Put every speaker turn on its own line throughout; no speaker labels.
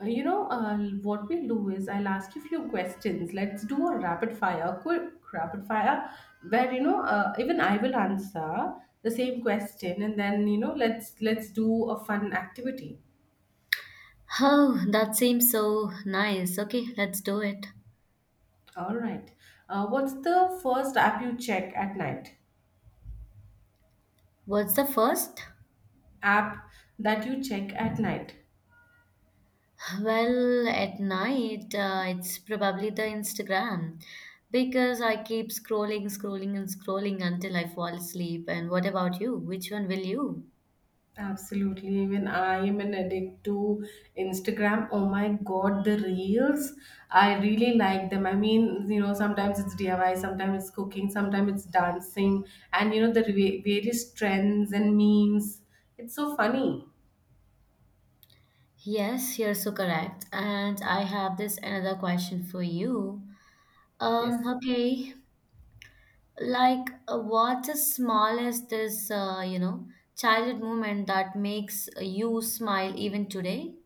Uh, You know, uh, what we'll do is I'll ask you a few questions. Let's do a rapid fire, quick rapid fire, where even I will answer the same question, and then let's do a fun activity.
Oh, that seems so nice. Okay, let's do it.
All right. What's the first app you check at night?
What's the first?
App that you check at night.
Well, at night, it's probably the Instagram because I keep scrolling, scrolling, and scrolling until I fall asleep. And what about you? Which one will you?
Absolutely. Even I am an addict to Instagram. Oh my God, the reels. I really like them. I mean, sometimes it's DIY, sometimes it's cooking, sometimes it's dancing, and the various trends and memes. It's so funny.
Yes, you're so correct. And I have this another question for you.
Yes.
Okay, like what is small as this, childhood moment that makes you smile even today?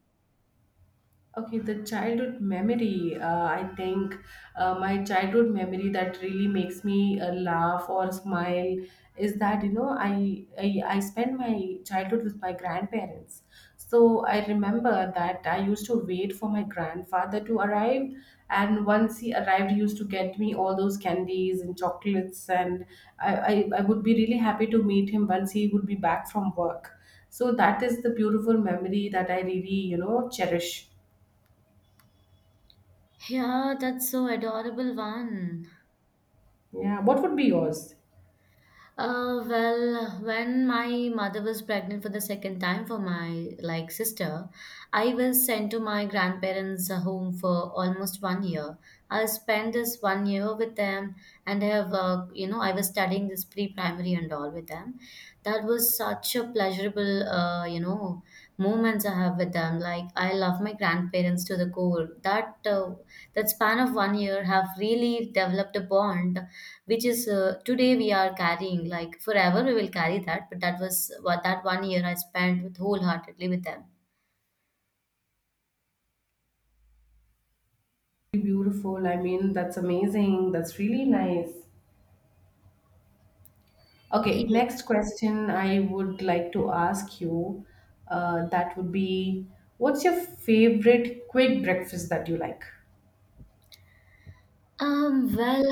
Okay, the childhood memory. I think my childhood memory that really makes me laugh or smile is that I spent my childhood with my grandparents. So I remember that I used to wait for my grandfather to arrive, and once he arrived, he used to get me all those candies and chocolates, and I would be really happy to meet him once he would be back from work. So that is the beautiful memory that I really cherish.
Yeah, that's so adorable one.
Yeah, what would be yours?
Well, when my mother was pregnant for the second time for my like sister, I was sent to my grandparents' home for almost one year. I spent this one year with them, and I have I was studying this pre-primary and all with them. That was such a pleasurable moments I have with them. Like I love my grandparents to the core. That span of one year have really developed a bond which is today we are carrying, like forever we will carry that, but that was what that one year I spent with wholeheartedly with them.
Beautiful. I mean, that's amazing. That's really nice. Okay,
Yeah.
next question I would like to ask you, that would be, what's your favorite quick breakfast that you like?
Well,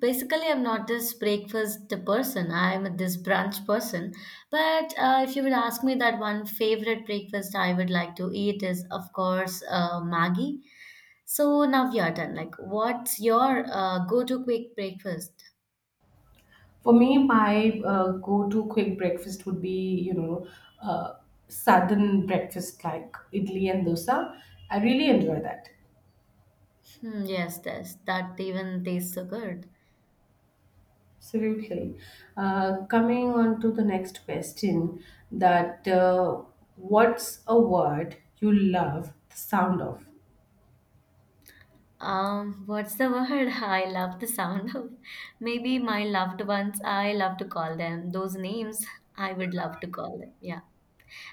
basically, I'm not this breakfast person. I'm this brunch person. But if you would ask me that one favorite breakfast I would like to eat is, of course, Maggie. So now we are done. Like, what's your go-to quick breakfast?
For me, my go-to quick breakfast would be, you know, uh, southern breakfast like idli and dosa. I really enjoy that.
Hmm, yes, this that even tastes so good.
Absolutely. Coming on to the next question, that what's a word you love the sound of?
What's the word? I love the sound of. Maybe my loved ones, I love to call them. Those names, I would love to call them. Yeah.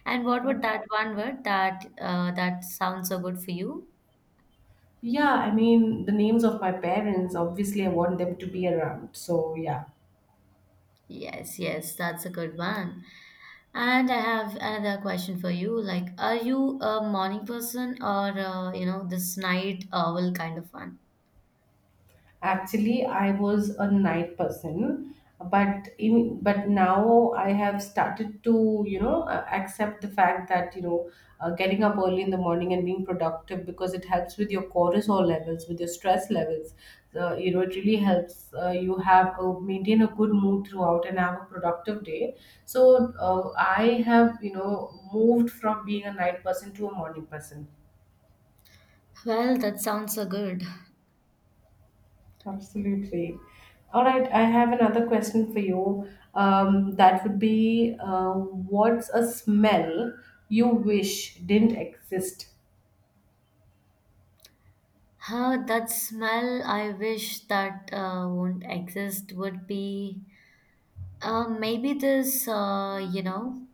And what would that one word that sounds so good for you?
Yeah, I mean, the names of my parents, obviously, I want them to be around. So, yeah.
Yes, yes, that's a good one. And I have another question for you. Like, are you a morning person or this night owl kind of one?
Actually, I was a night person, but in but now I have started to accept the fact that getting up early in the morning and being productive because it helps with your cortisol levels, with your stress levels. It really helps maintain a good mood throughout and have a productive day. So I have moved from being a night person to a morning person.
Well, that sounds so good.
Absolutely. All right, I have another question for you. That would be what's a smell you wish didn't exist?
Huh, that smell I wish that won't exist would be maybe this, uh, you know,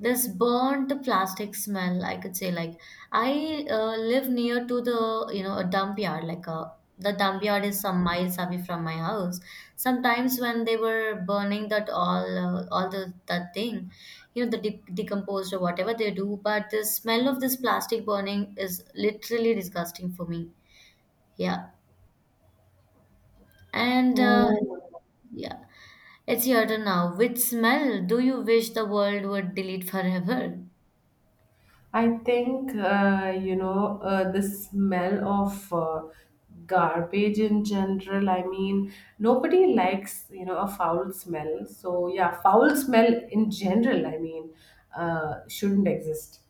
this burnt plastic smell I could say, like I live near to the you know a dump yard, like a the dump yard is some miles away from my house. Sometimes when they were burning that, all the that thing, you know the decomposed or whatever they do, but the smell of this plastic burning is literally disgusting for me. Yeah. And
Oh,
yeah, it's your turn now. Which smell do you wish the world would delete forever?
I think the smell of garbage in general. I mean, nobody likes a foul smell. So yeah, foul smell in general, I mean, shouldn't exist.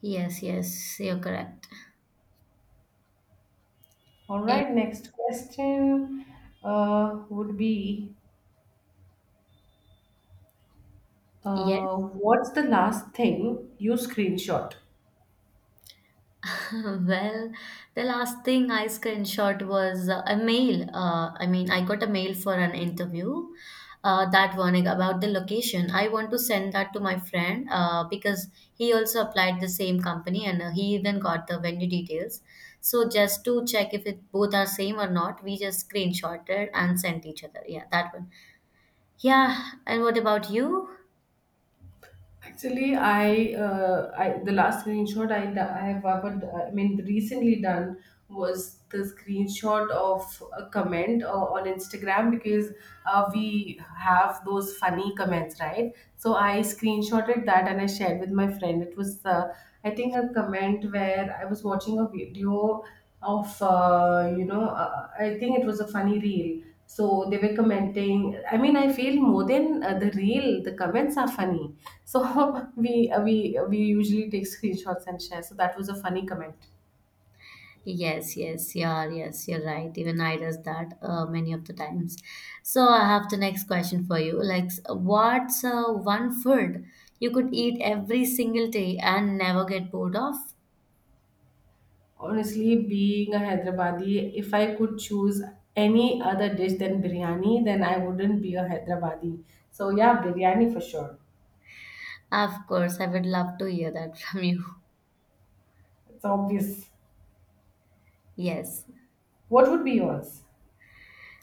Yes, yes, you're correct.
All
Eh,
right, next question would be
yes.
what's the last thing you screenshot?
Well, the last thing I screenshot was a mail. I mean, I got a mail for an interview that morning about the location. I want to send that to my friend because he also applied the same company and he even got the venue details. So just to check if it both are same or not, we just screenshotted and sent each other. Yeah, that one. Yeah, and what about you?
Actually, I the last screenshot I have ever, I mean, recently done was the screenshot of a comment on Instagram because we have those funny comments, right? So I screenshotted that and I shared with my friend. It was, I think, a comment where I was watching a video of I think it was a funny reel, so they were commenting. I mean, I feel more than the reel the comments are funny. So we usually take screenshots and share. So that was a funny comment.
Yes, yes, yeah, yes, you're right. Even I does that many of the times. So I have the next question for you. Like, what's one food you could eat every single day and never get bored of?
Honestly, being a hyderabadi, if I could choose any other dish than biryani, then I wouldn't be a hyderabadi. So yeah, biryani for sure.
Of course, I would love to hear that from you.
It's obvious.
Yes.
What would be yours?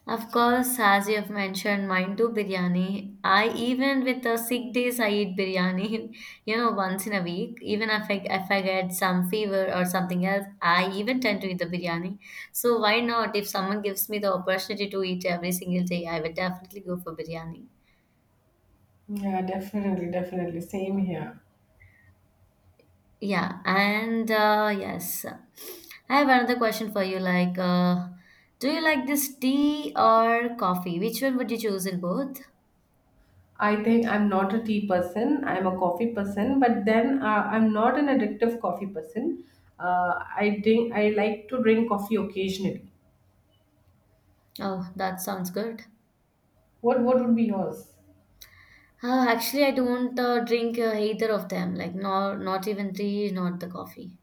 Of course, as you have mentioned, mine too biryani. I even with the sick days, I eat biryani. You know, once in a week. Even if I get some fever or something else, I even tend to eat the biryani. So why not? If someone gives me the opportunity to eat every single day, I will definitely go for biryani.
Yeah, definitely, definitely, same here.
Yeah, and yes, I have another question for you. Like, do you like this tea or coffee? Which one would you choose in both?
I think I'm not a tea person. I'm a coffee person, but then I'm not an addictive coffee person. I drink. I like to drink coffee occasionally.
Oh, that sounds good.
What would be yours?
Actually, I don't drink either of them, like nor not even tea, not the coffee.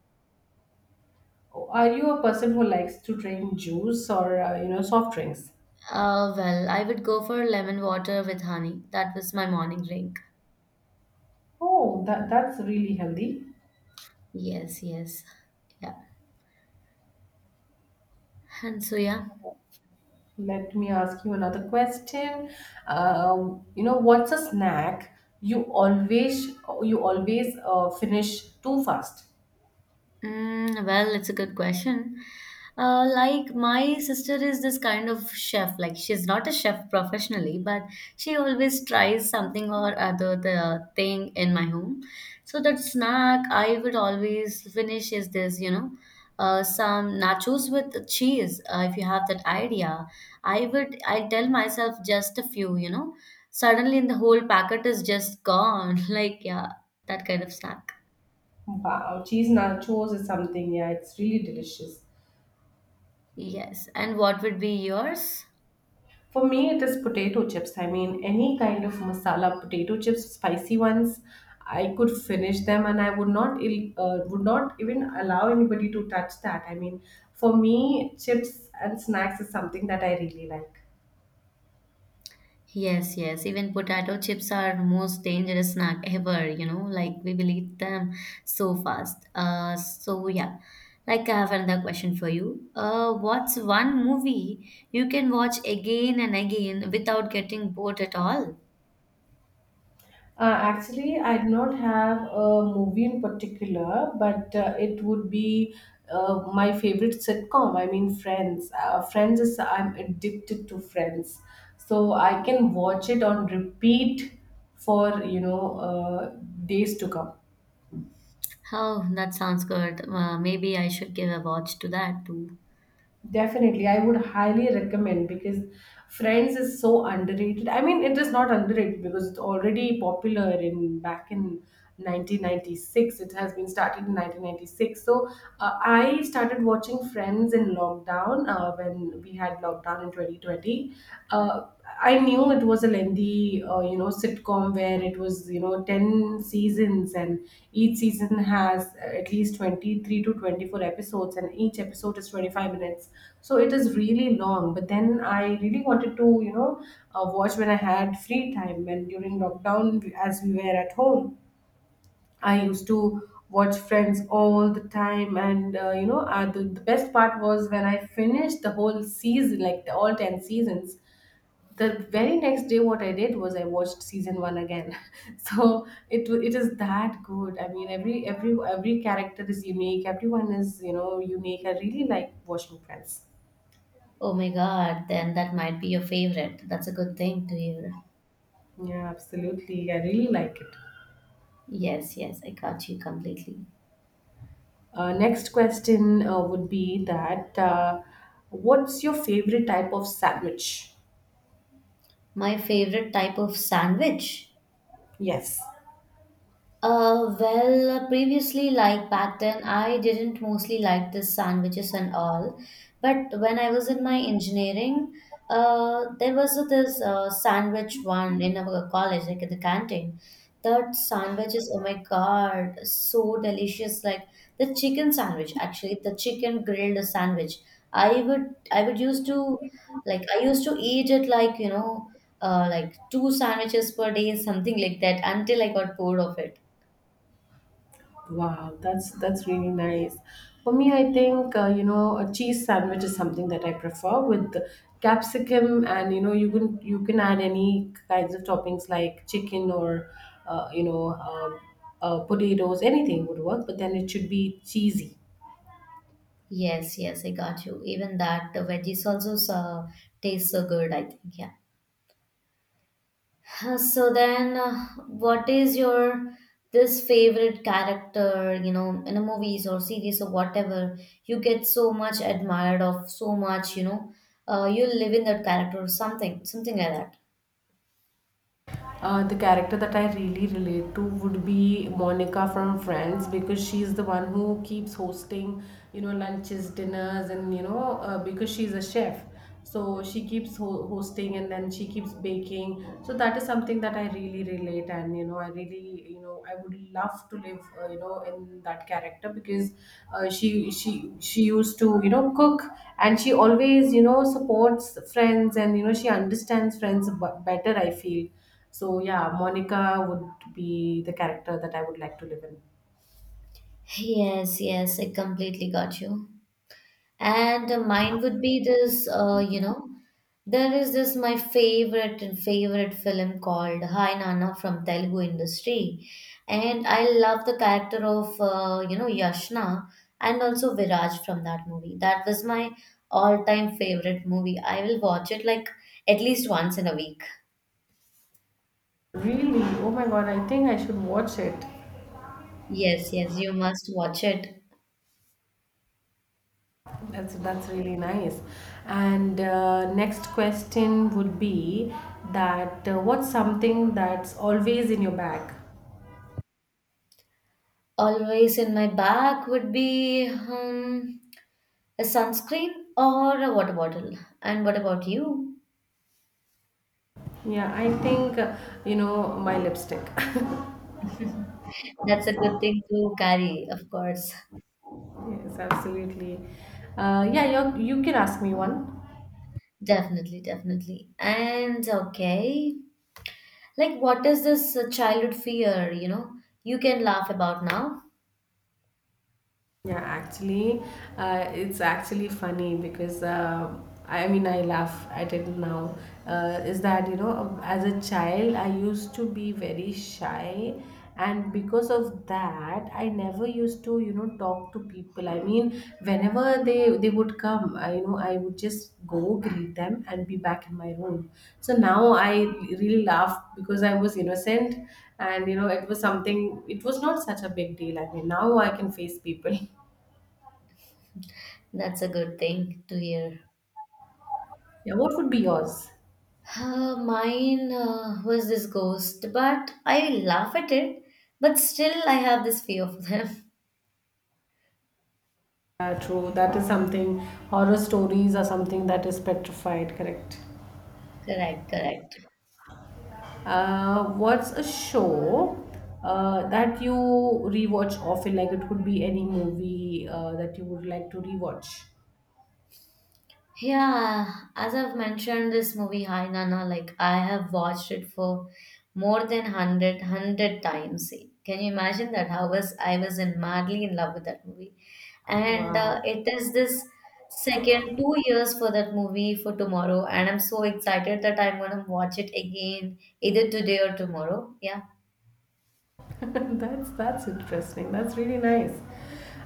Oh, are you a person who likes to drink juice or soft drinks?
Well, I would go for lemon water with honey. That was my morning drink.
Oh, that's really healthy.
Yes, yes. Yeah. And so, yeah.
Let me ask you another question. What's a snack you always finish too fast?
Mm, well, it's a good question. Like my sister is this kind of chef. Like she's not a chef professionally, but she always tries something or other the thing in my home. So that snack I would always finish is this, some nachos with cheese. If you have that idea, I would. I tell myself just a few. Suddenly, the whole packet is just gone. Like yeah, that kind of snack.
Wow, cheese nachos is something, yeah, it's really delicious.
Yes. And what would be yours?
For me, it is potato chips. I mean, any kind of masala potato chips, spicy ones. I could finish them, and I would not, would not even allow anybody to touch that. I mean, for me, chips and snacks is something that I really like.
Yes, yes. Even potato chips are most dangerous snack ever, like we will eat them so fast. So yeah. Like I have another question for you. What's one movie you can watch again and again without getting bored at all?
Actually, I do not have a movie in particular, but it would be my favorite sitcom. I mean, Friends. I'm addicted to Friends. So I can watch it on repeat for, days to come.
Oh, that sounds good. Maybe I should give a watch to that too.
Definitely, I would highly recommend because Friends is so underrated. I mean, it is not underrated because it's already popular in back in 1996. It has been started in 1996. So I started watching Friends in lockdown when we had lockdown in 2020. Uh, I knew it was a lengthy, sitcom where it was, 10 seasons, and each season has at least 23 to 24 episodes, and each episode is 25 minutes. So it is really long. But then I really wanted to, watch when I had free time, and during lockdown, as we were at home, I used to watch Friends all the time, and the best part was when I finished the whole season, like the all 10 seasons, the very next day what I did was I watched season 1 again. So it is that good. I mean, every character is unique. Everyone is unique. I really like watching Friends.
Oh my God, then that might be your favorite. That's a good thing to hear.
Yeah, absolutely, I really like it.
Yes, yes, I got you completely.
Next question would be that what's your favorite type of sandwich?
My favorite type of sandwich?
Yes.
Well, previously, like back then, I didn't mostly like the sandwiches and all. But when I was in my engineering, there was a- this sandwich one in our college, like in the canteen. That sandwich is, oh my God, so delicious. Like the chicken sandwich, actually, the chicken grilled sandwich. I would, I would used to, I used to eat it, like, you know, like two sandwiches per day, something like that, until I got bored of it.
Wow, that's really nice. For me, I think a cheese sandwich is something that I prefer with capsicum, and you can add any kinds of toppings like chicken or uh, you know um, potatoes. Anything would work, but then it should be cheesy.
Yes, yes, I got you. Even that, the veggies also taste so good, I think. Yeah. So then, what is your this favorite character, in a movies or series or whatever, you get so much admired of, so much, you live in that character or something, something like that.
The character that I really relate to would be Monica from Friends because she's the one who keeps hosting, lunches, dinners, and because she's a chef, so she keeps hosting and then she keeps baking. So that is something that I really relate, and I really, I would love to live, in that character because she used to, cook and she always, supports friends and she understands friends better, I feel. So yeah, Monica would be the character that I would like to live in.
Yes, yes, I completely got you. And mine would be this, there is this my favorite and favorite film called Hi Nana from Telugu industry, and I love the character of Yashna and also Viraj from that movie. That was my all-time favorite movie. I will watch it like at least once in a week.
Really? Oh my God, I think I should watch it.
Yes, yes, you must watch it.
That's really nice. And next question would be that what's something that's always in your bag?
Always in my bag would be a sunscreen or a water bottle. And what about you?
Yeah, I think my lipstick.
That's a good thing to carry, of course.
Yes, absolutely. Yeah, you can ask me one.
Definitely, definitely. And okay, like what is this childhood fear, you can laugh about now?
Yeah, actually, it's actually funny because I mean, I laugh at it now. Is that, as a child, I used to be very shy, and because of that, I never used to, talk to people. I mean, whenever they would come, I would just go greet them and be back in my room. So now I really laugh because I was innocent, and it was something. It was not such a big deal. I mean, now I can face people.
That's a good thing to hear.
Yeah, what would be yours?
Mine was this ghost, but I laugh at it, but still I have this fear of them.
Yeah, true. That is something. Horror stories are something that is petrified, correct?
Correct, correct.
What's a show that you rewatch often? Like it could be any movie that you would like to rewatch.
Yeah, as I've mentioned, this movie Hai Nana, like I have watched it for more than 100 times. Can you imagine that? How was I was in madly in love with that movie, and
Wow,
it is this second 2 years for that movie for tomorrow, and I'm so excited that I'm gonna watch it again either today or tomorrow. Yeah.
that's interesting. That's really nice.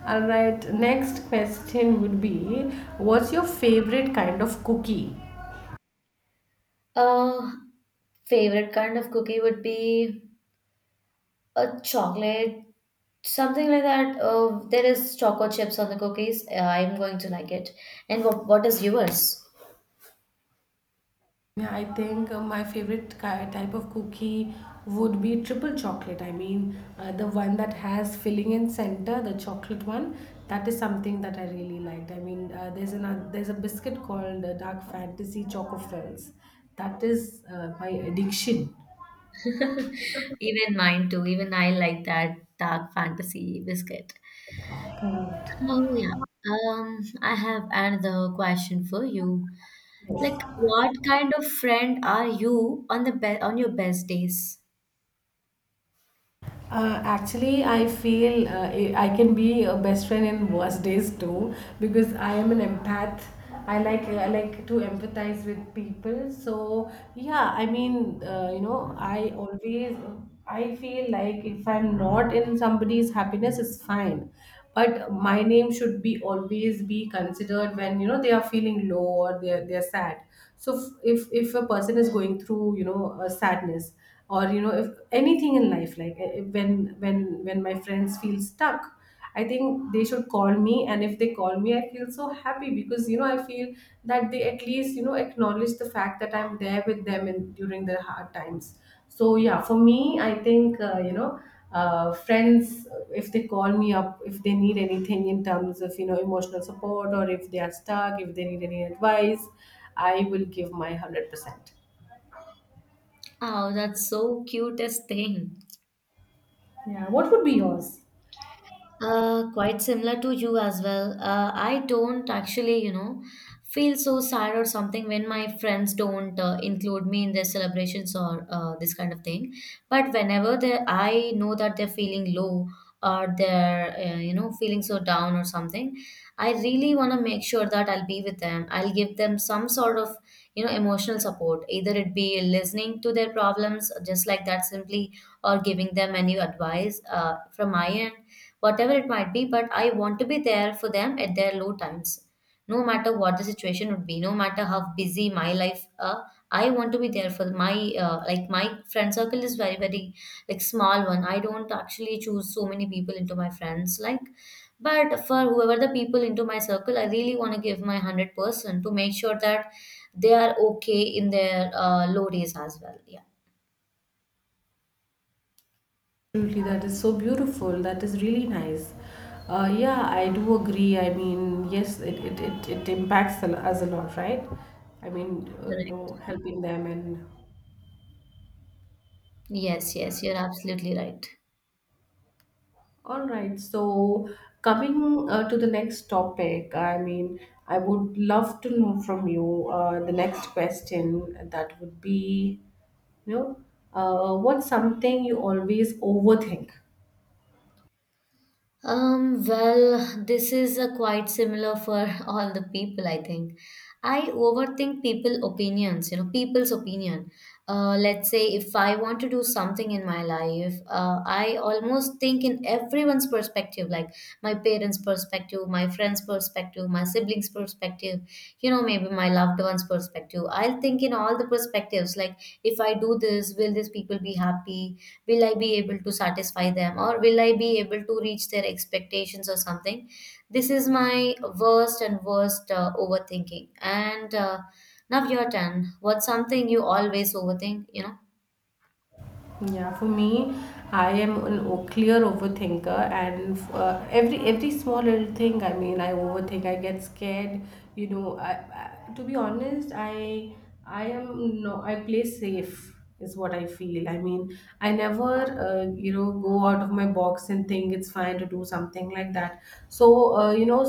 All right, next question would be, what's your favorite kind of cookie?
Uh, Favorite kind of cookie would be a chocolate, something like that. There is choco chips on the cookies. I'm going to like it. And what is yours?
Yeah, I think my favorite type of cookie would be triple chocolate. I mean, the one that has filling in center, the chocolate one. That is something that I really liked. I mean, there's a biscuit called Dark Fantasy Choco Frills. That is my addiction.
Even mine too. Even I like that dark fantasy biscuit.
Correct.
Oh yeah. I have another question for you. Like,
Yes.
what kind of friend are you on the be on your best days?
Actually, I feel I can be a best friend in worst days too because I am an empath. I like to empathize with people. So yeah, I mean, I feel like if I'm not in somebody's happiness, it's fine. But my name should be always be considered when they are feeling low or they are sad. So if a person is going through a sadness, or you know, if anything in life, like when my friends feel stuck, I think they should call me. And if they call me, I feel so happy because you know, I feel that they at least you know acknowledge the fact that I'm there with them in during their hard times. So yeah, for me I think, friends, if they call me up, if they need anything in terms of you know emotional support, or if they are stuck, if they need any advice, I will give my 100%.
Oh, that's so cutest thing.
Yeah, what would be yours?
Quite similar to you as well. I don't actually, feel so sad or something when my friends don't include me in their celebrations or this kind of thing. But whenever they, I know that they're feeling low or they're, feeling so down or something, I really want to make sure that I'll be with them. I'll give them some sort of, emotional support. Either it be listening to their problems, just like that, simply, or giving them any advice from my end whatever it might be, but I want to be there for them at their low times. No matter what the situation would be, no matter how busy my life, I want to be there for my friend circle is very very like small one. I don't actually choose so many people into my friends like, but for whoever the people into my circle, I really want to give my 100% to make sure that they are okay in their low days as well. Yeah,
Absolutely, that is so beautiful. That is really nice. Yeah, I do agree. I mean, yes, it impacts us a lot, right? I mean, you
correct.
know, helping them and
Yes, yes, you're absolutely right.
all right. So, coming to the next topic, I mean, I would love to know from you the next question that would be, you know, what's something you always overthink?
Well, this is a quite similar for all the people, I think. I overthink people opinions, people's opinion. Let's say if I want to do something in my life, I almost think in everyone's perspective, like my parents' perspective, my friends' perspective, my siblings' perspective, you know, maybe my loved one's perspective. I'll think in all the perspectives, like if I do this, will these people be happy, will I be able to satisfy them, or will I be able to reach their expectations or something. This is my worst and worst overthinking. And Now your turn. What's something you always overthink,
Yeah, for me, I am an clear overthinker, and every small little thing. I mean, I overthink. I get scared. You know, to be honest, I am no. I play safe is what I feel. I mean, I never you know, go out of my box and think it's fine to do something like that. So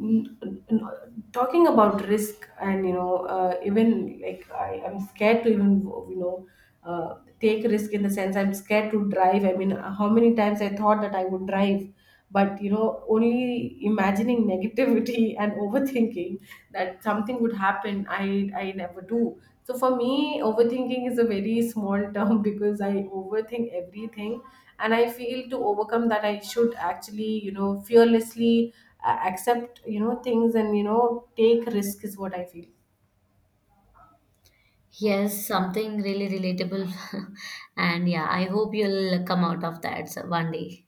n- talking about risk, and you know, even like I'm scared to even you know, take risk. In the sense, I'm scared to drive. I mean, how many times I thought that I would drive, but you know, only imagining negativity and overthinking that something would happen, I never do. So for me overthinking is a very small term because I overthink everything. And I feel to overcome that I should actually you know fearlessly accept you know things and you know take risk is what I feel.
Yes, something really relatable. And yeah, I hope you'll come out of that one day.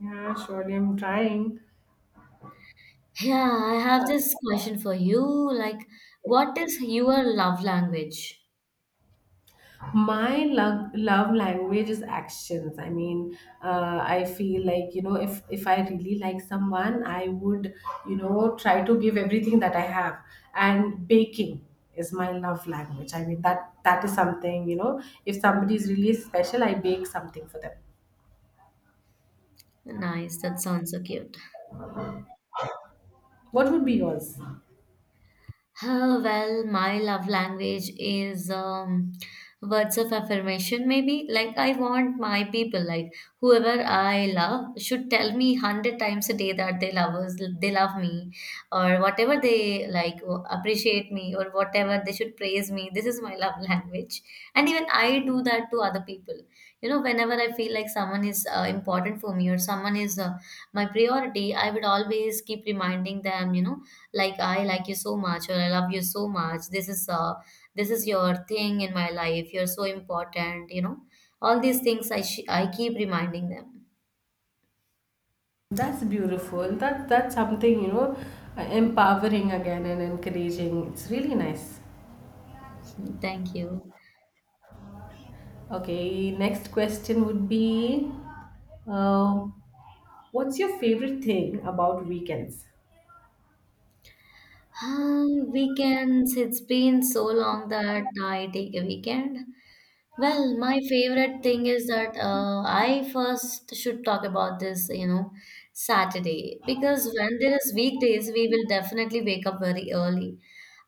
Yeah, surely I'm trying.
Yeah, I have this question for you. Like, what is your love language?
My love language is actions. I mean, I feel like you know, if I really like someone, I would you know try to give everything that I have. And baking is my love language. I mean, that is something, you know, if somebody is really special, I bake something for them.
Nice, that sounds so cute.
What would be yours?
Oh, well, my love language is words of affirmation, maybe. Like, I want my people, like, whoever I love should tell me 100 times a day that they love us, they love me, or whatever they like, appreciate me, or whatever, they should praise me. This is my love language. And even I do that to other people. You know, whenever I feel like someone is important for me, or someone is my priority, I would always keep reminding them, you know, like I like you so much, or I love you so much. This is your thing in my life. You're so important, you know. All these things I I keep reminding them.
That's beautiful. That's something, you know, empowering again and encouraging. It's really nice.
Thank you.
Okay, next question would be, uh, what's your favorite thing about weekends?
Weekends, it's been so long that I take a weekend. Well, my favorite thing is that I first should talk about this, you know, Saturday. Because when there is weekdays, we will definitely wake up very early.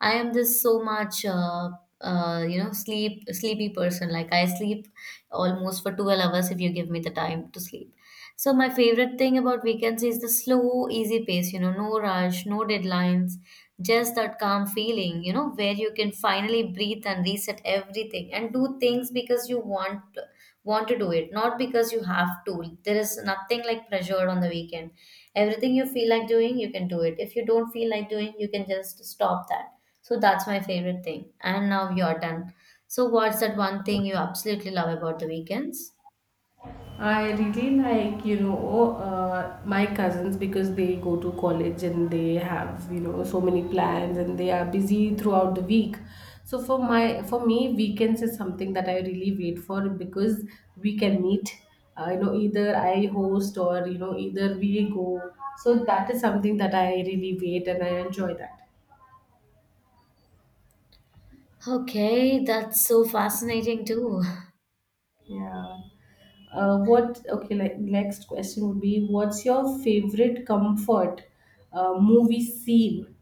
I am this so much, you know, sleepy person. Like I sleep almost for 12 hours if you give me the time to sleep. So my favorite thing about weekends is the slow, easy pace, you know, no rush, no deadlines, just that calm feeling, you know, where you can finally breathe and reset everything and do things because you want to do it, not because you have to. There is nothing like pressure on the weekend. Everything you feel like doing, you can do it. If you don't feel like doing, you can just stop that. So that's my favorite thing. And now you're done. So what's that one thing you absolutely love about the weekends?
I really like, you know, my cousins, because they go to college and they have, you know, so many plans and they are busy throughout the week. So for me, weekends is something that I really wait for, because we can meet. You know, either I host, or you know, either we go. So that is something that I really wait and I enjoy that.
Okay, that's so fascinating too.
Yeah. What Okay? Like, next question would be, what's your favorite comfort movie scene?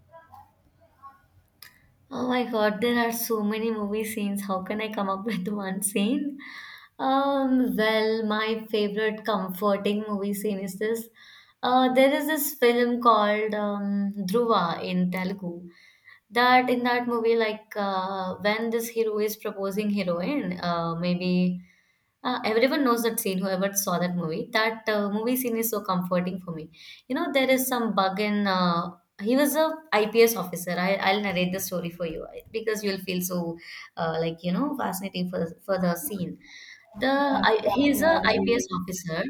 Oh my god, there are so many movie scenes. How can I come up with one scene? Well, my favorite comforting movie scene is this. There is this film called Dhruva in Telugu. That in that movie, like when this hero is proposing heroine, maybe everyone knows that scene, whoever saw that movie. That movie scene is so comforting for me. You know, there is some bug in he was a IPS officer. I'll narrate the story for you because you'll feel so, like you know, fascinating for the scene.
Yeah,
He's a
yeah,
IPS
reading.
officer.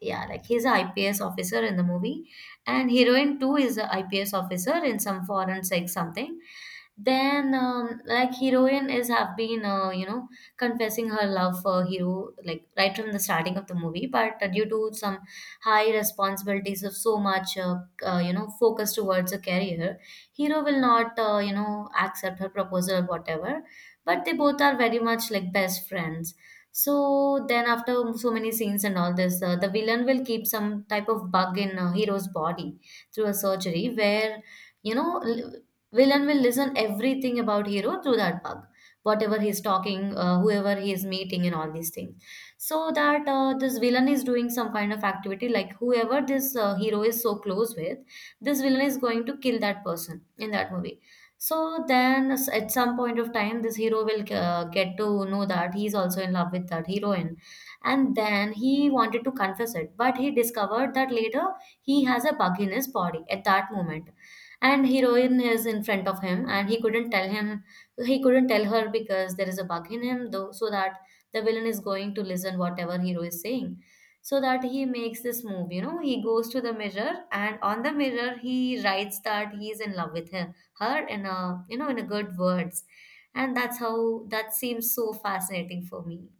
Yeah, like he's a ips officer in the movie, and heroine too is a ips officer in some foreign sect something. Then like heroine is have been you know, confessing her love for hero, like right from the starting of the movie, but due to some high responsibilities of so much you know, focus towards a career, hero will not you know, accept her proposal or whatever, but they both are very much like best friends. So then, after so many scenes and all this, the villain will keep some type of bug in hero's body through a surgery where, you know, villain will listen everything about hero through that bug, whatever he's talking, whoever he is meeting, and all these things. So that this villain is doing some kind of activity, like whoever this hero is so close with, this villain is going to kill that person in that movie. So then, at some point of time, this hero will get to know that he's also in love with that heroine. And then he wanted to confess it, but he discovered that later he has a bug in his body at that moment. And heroine is in front of him, and he couldn't tell him, he couldn't tell her because there is a bug in him, though, so that the villain is going to listen whatever hero is saying. So that he makes this move, you know, he goes to the mirror, and on the mirror he writes that he is in love with him her in a you know in a good words. And that's how that seems so fascinating for me.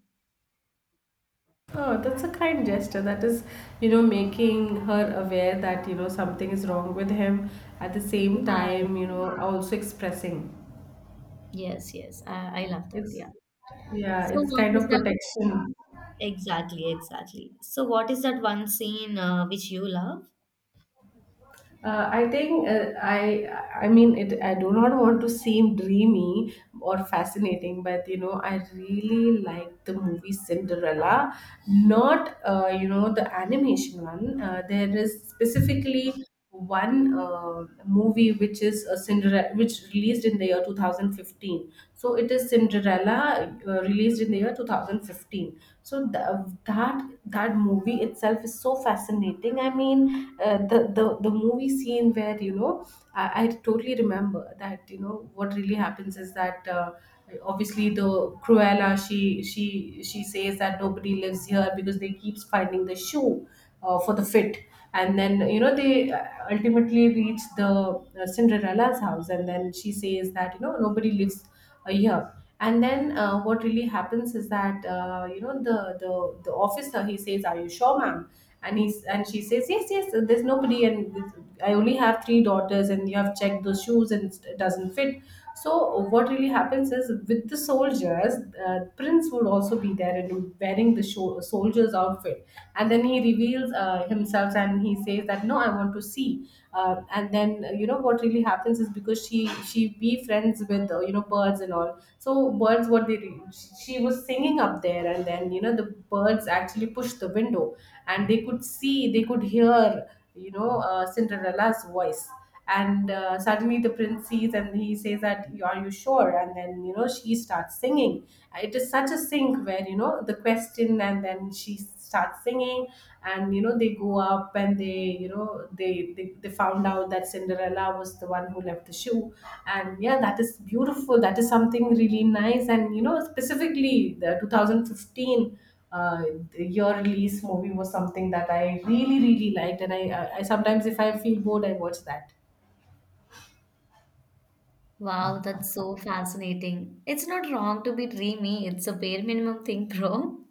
Oh, that's a kind gesture. That is, you know, making her aware that, you know, something is wrong with him. At the same
Yeah,
time, you know, also expressing.
yes, I love that,
It's,
yeah.
yeah,
So
it's
what
kind
is
of
that,
protection.
exactly, so what is that one scene which you love?
I think I mean it. I do not want to seem dreamy or fascinating, but you know, I really like the movie Cinderella, not you know, the animation one. There is specifically one movie which is a Cinderella, which released in the year 2015. So it is Cinderella released in the year 2015. So the, that that movie itself is so fascinating. I mean, the movie scene where you know, I totally remember that. You know, what really happens is that obviously the Cruella, she says that nobody lives here because they keeps finding the shoe for the fit. And then you know they ultimately reach the Cinderella's house, and then she says that you know nobody lives here. And then what really happens is that you know, the the officer, he says, are you sure, ma'am? And he's, and she says, yes, yes, there's nobody and I only have 3 daughters and you have checked those shoes and it doesn't fit. So what really happens is, with the soldiers, prince would also be there and wearing the soldier's outfit. And then he reveals himself, and he says that no, I, I want to see, and then you know what really happens is, because she be friends with you know, birds and all. So, birds, what they she was singing up there, and then you know the birds actually pushed the window and they could see, they could hear, you know, Cinderella's voice. And suddenly the prince sees, and he says that, are you sure? And then you know she starts singing. It is such a sync where you know the question, and then she starts singing, and you know they go up and they, you know they found out that Cinderella was the one who left the shoe. And yeah, that is beautiful. That is something really nice. And you know specifically the 2015 uh, the year release movie was something that I really really liked, and I sometimes, if I feel bored, I watch that.
Wow, that's so fascinating. It's not wrong to be dreamy, it's a bare minimum thing, bro.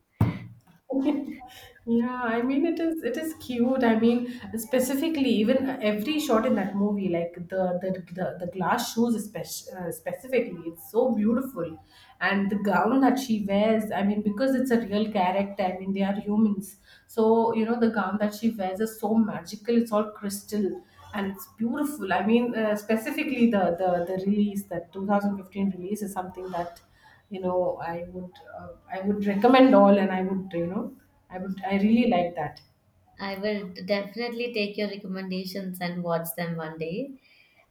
Yeah, I mean, it is, it is cute. I mean, specifically, even every shot in that movie, like the glass shoes especially, specifically, it's so beautiful, and the gown that she wears. I mean, because it's a real character. I mean, they are humans, so you know the gown that she wears is so magical. It's all crystal and it's beautiful. I mean, specifically, the release that 2015 release is something that you know, I would, I would recommend all, and I would, you know, I really like that.
I will definitely take your recommendations and watch them one day.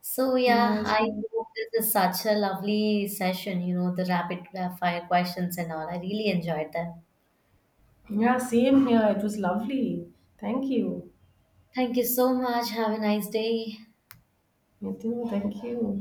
So yeah,
Yeah,
I
sure.
hope this is such a lovely session, you know, the rapid fire questions and all. I really enjoyed that.
Yeah, same here. It was lovely. Thank you.
Thank you so much. Have a nice day.
You too. Thank you.